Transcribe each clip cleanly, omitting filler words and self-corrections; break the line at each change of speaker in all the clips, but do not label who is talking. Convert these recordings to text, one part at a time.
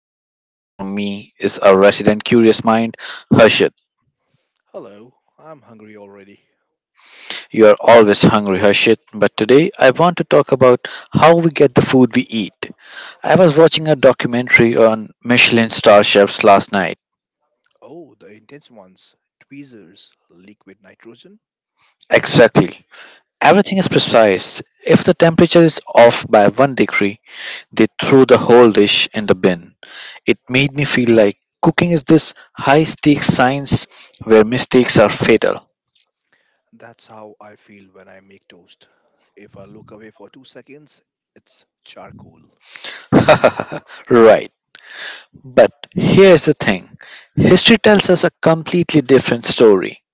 sitting across from me is our resident curious mind, Harshit.
Hello, I'm hungry already.
You are always hungry, Harshit, but today I want to talk about how we get the food we eat. I was watching a documentary on Michelin star chefs last night.
Oh, the intense ones. Tweezers, liquid nitrogen.
Exactly. Everything is precise. If the temperature is off by one degree, they threw the whole dish in the bin. It made me feel like cooking is this high stakes science where mistakes are fatal.
That's how I feel when I make toast. If I look away for 2 seconds, it's charcoal.
Right. But here's the thing, history tells us a completely different story.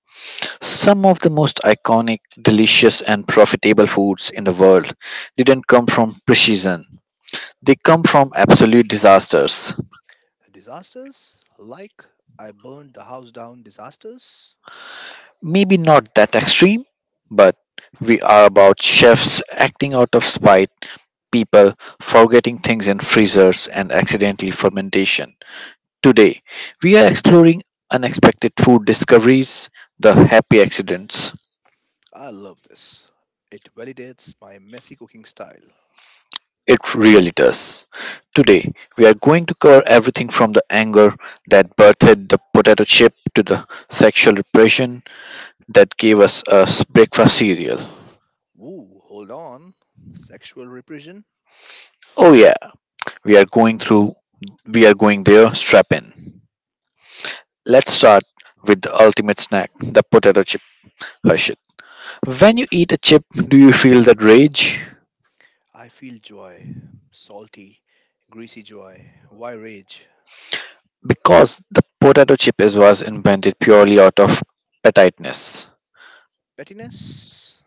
Some of the most iconic, delicious, and profitable foods in the world didn't come from precision, they come from absolute disasters.
Disasters, like I burned the house down disasters.
Maybe not that extreme, but we are about chefs acting out of spite, people forgetting things in freezers, and accidentally fermentation. Today, we are exploring unexpected food discoveries, the happy accidents.
I love this. It validates my messy cooking style.
It really does. Today, we are going to cover everything from the anger that birthed the potato chip to the sexual repression that gave us a breakfast cereal.
Woo, hold on. Sexual repression.
Oh, yeah. We are going through, we are going there, strap in. Let's start with the ultimate snack, the potato chip, Harshit. When you eat a chip, do you feel that rage?
I feel joy. Salty, greasy joy. Why rage?
Because the was invented purely out of pettiness.
Pettiness?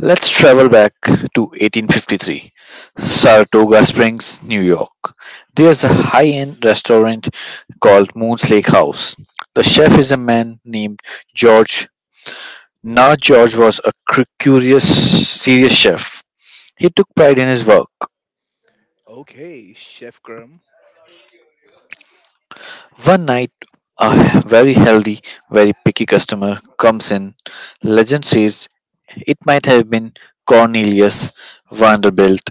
Let's travel back to 1853, Saratoga Springs, New York. There's a high end restaurant called Moon's Lake House. The chef is a man named George. Now George was a curious, serious chef. He took pride in his work.
Okay, Chef Kram,
One night, a very healthy, very picky customer comes in. Legend says it might have been Cornelius Vanderbilt,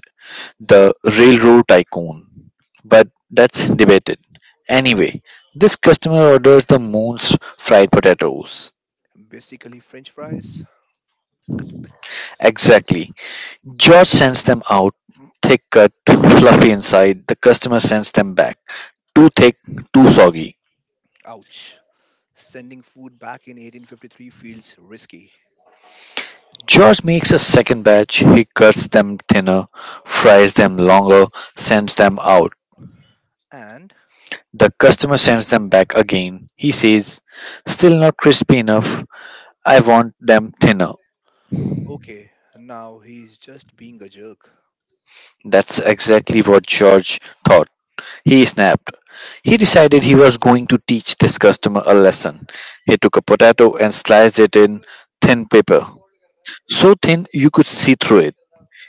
the railroad tycoon. But that's debated. Anyway, this customer orders the moon's fried potatoes.
basically French fries.
Exactly. George sends them out, thick cut, fluffy inside. The customer sends them back, too thick, too soggy.
Ouch. Sending food back in 1853 feels risky.
George makes a second batch. He cuts them thinner, fries them longer, sends them out.
And
The customer sends them back again. He says, still not crispy enough. I want them thinner.
okay, now he's just being a jerk.
That's exactly what George thought. He snapped. He decided he was going to teach this customer a lesson. He took a potato and sliced it in thin paper, so thin you could see through it.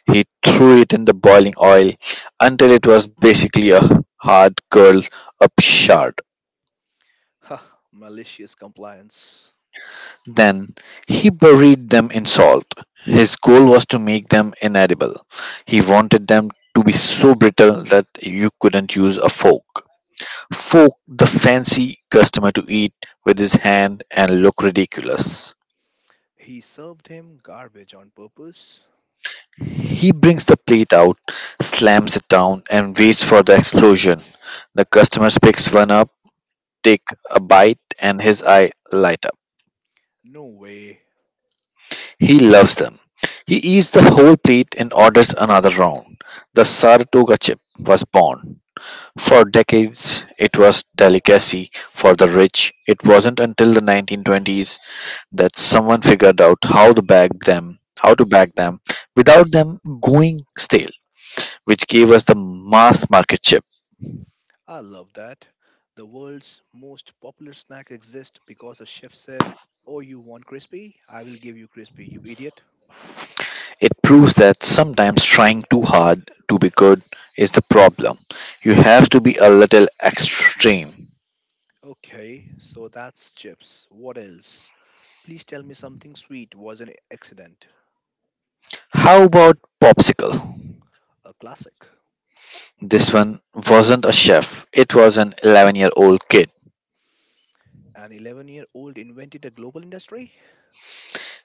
He threw it in the boiling oil until it was basically a hard curled up shard.
Ha, malicious compliance.
Then he buried them in salt. His goal was to make them inedible. He wanted them to be so brittle that you couldn't use a fork. Fork the fancy customer to eat with his hand and look ridiculous.
He served him garbage on purpose?
He brings the plate out, slams it down, and waits for the explosion. The customer picks one up, take a bite, and his eye light up.
No way.
He loves them. He eats the whole plate and orders another round. The Saratoga chip was born. For decades, it was delicacy for the rich. It wasn't until the 1920s that someone figured out how to bag them, how to bag them without them going stale, which gave us the mass market chip.
I love that. The world's most popular snack exists because a chef said, oh, you want crispy? I will give you crispy, you idiot.
It proves that sometimes trying too hard to be good is the problem. You have to be a little extreme.
Okay, so that's chips. What else? Please tell me something sweet was an accident.
How about Popsicle?
A classic.
This one wasn't a chef, it was an 11-year-old kid.
An 11-year-old invented a global industry?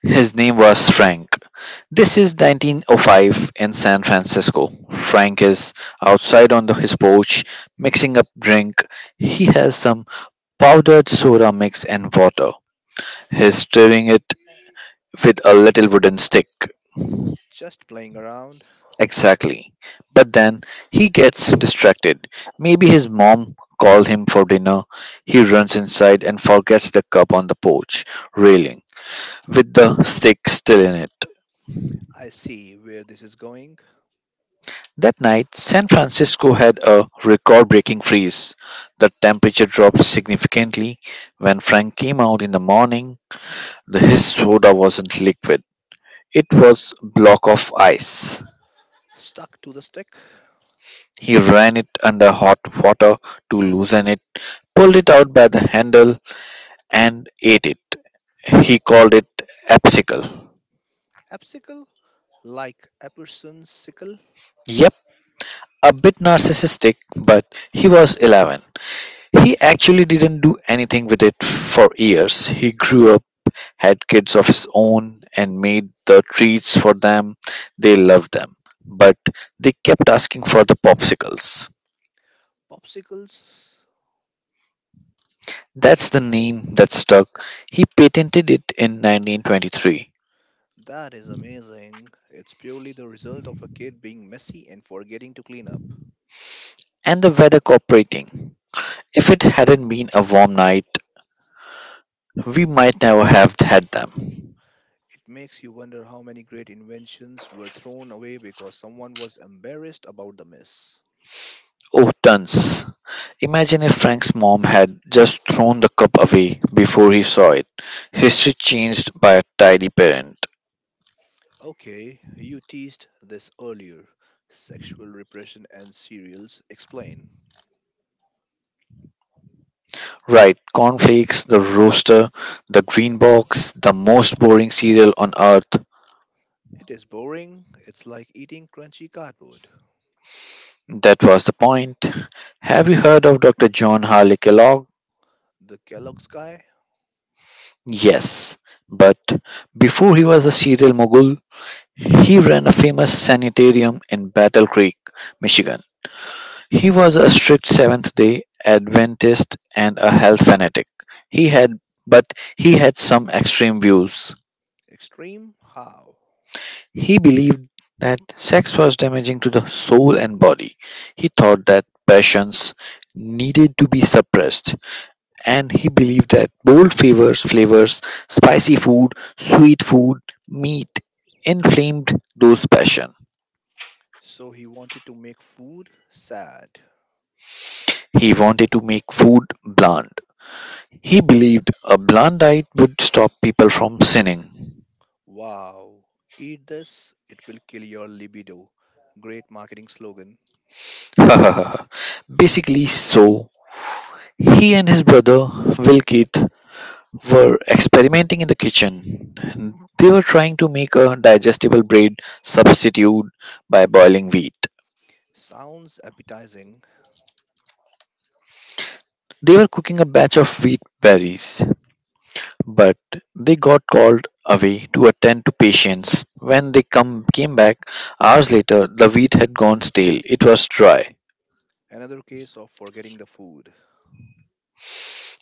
His name was Frank. This is 1905 in San Francisco. Frank is outside on his porch mixing up drink. He has some powdered soda mix and water. He's stirring it with a little wooden stick.
Just playing around.
Exactly. But then he gets distracted. Maybe his mom called him for dinner. He runs inside and forgets the cup on the porch railing with the stick still in it.
I see where this is going.
That night, San Francisco had a record breaking freeze. The temperature dropped significantly. When Frank came out in the morning, his soda wasn't liquid, it was block of ice.
Stuck to the stick.
He ran it under hot water to loosen it, pulled it out by the handle, and ate it. He called it Absicle.
Popsicle? Like Epperson's sickle?
Yep, a bit narcissistic, but he was 11. He actually didn't do anything with it for years. He grew up, had kids of his own, and made the treats for them. They loved them, but they kept asking for the popsicles.
Popsicles?
That's the name that stuck. He patented it in 1923.
That is amazing. It's purely the result of a kid being messy and forgetting to clean up.
And the weather cooperating. If it hadn't been a warm night, we might never have had them.
It makes you wonder how many great inventions were thrown away because someone was embarrassed about the mess.
Oh, tons. Imagine if Frank's mom had just thrown the cup away before he saw it. History changed by a tidy parent.
Okay, you teased this earlier. Sexual repression and cereals. Explain.
Right, cornflakes, the roaster, the green box, the most boring cereal on earth.
It is boring. It's like eating crunchy cardboard.
That was the point. Have you heard of Dr. John Harley Kellogg?
The Kellogg's guy?
Yes, but before he was a cereal mogul, he ran a famous sanitarium in Battle Creek, Michigan. He was a strict Seventh-day Adventist and a health fanatic. He had but he had some extreme views.
Extreme? How?
He believed that sex was damaging to the soul and body. He thought that passions needed to be suppressed and he believed that bold flavors, spicy food, sweet food, meat inflamed those passions.
So he wanted to make food sad.
He wanted to make food bland. He believed a bland diet would stop people from sinning.
Wow. Eat this, it will kill your libido. Great marketing slogan.
Basically, so he and his brother Wilkith were experimenting in the kitchen. They were trying to make a digestible bread substitute by boiling wheat.
Sounds appetizing.
They were cooking a batch of wheat berries, but they got called away to attend to patients. When they come came back hours later, the wheat had gone stale. It was dry.
Another case of forgetting the food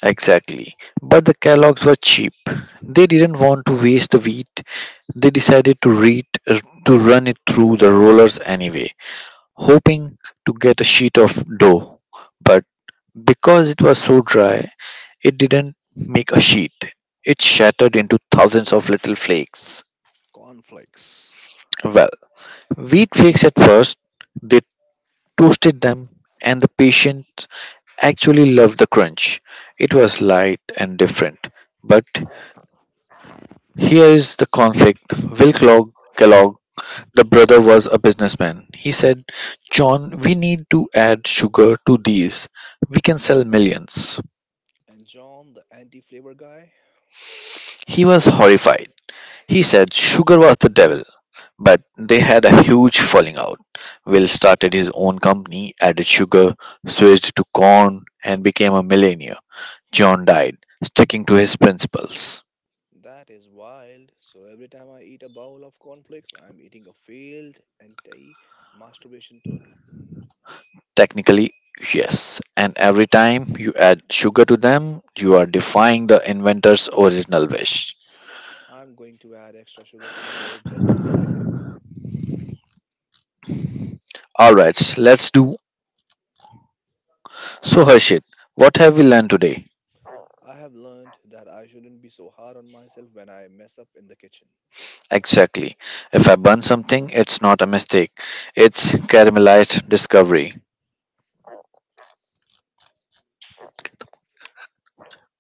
Exactly. But the Kellogg's were cheap. They didn't want to waste the wheat. They decided to run it through the rollers anyway, hoping to get a sheet of dough. But because it was so dry, it didn't make a sheet. It shattered into thousands of little flakes.
cornflakes.
Well, wheat flakes at first, they toasted them, and the patient actually loved the crunch. It was light and different. But here is the conflict. Will Kellogg, the brother, was a businessman. He said, "John, we need to add sugar to these. We can sell millions."
And John, the anti flavor guy?
He was horrified. He said sugar was the devil, but they had a huge falling out. Will started his own company, added sugar, switched to corn, and became a millionaire. John died, sticking to his principles.
That is wild. So every time I eat a bowl of cornflakes, I'm eating a failed anti masturbation tool.
Technically, yes, and every time you add sugar to them, you are defying the inventor's original wish.
I'm going to add extra sugar tomorrow just to spite
Alright, let's do. So, Harshit, what have we learned today?
him. I have learned that I shouldn't be so hard on myself when I mess up in the kitchen.
Exactly. If I burn something, it's not a mistake, it's caramelized discovery.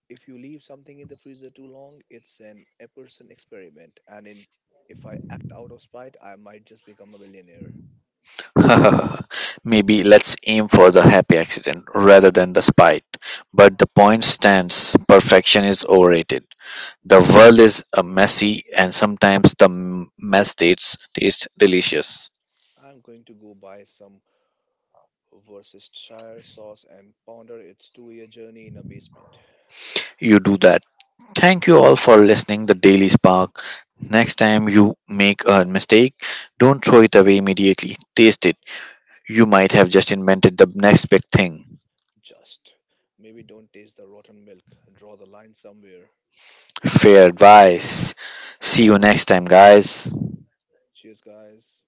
If you leave something in the freezer too long, it's an Epperson experiment, if I act out of spite, I might just become a millionaire.
Maybe let's aim for the happy accident rather than the spite. But the point stands perfection is overrated. The world is messy, and sometimes the mess taste delicious.
I'm going to go buy some Worcestershire sauce and ponder its 2 year journey in a basement.
You do that. Thank you all for listening. The Daily Spark. Next time you make a mistake, don't throw it away immediately. Taste it. You might have just invented the next big thing.
Just maybe don't taste the rotten milk. Draw the line somewhere.
Fair advice. See you next time, guys.
Cheers, guys.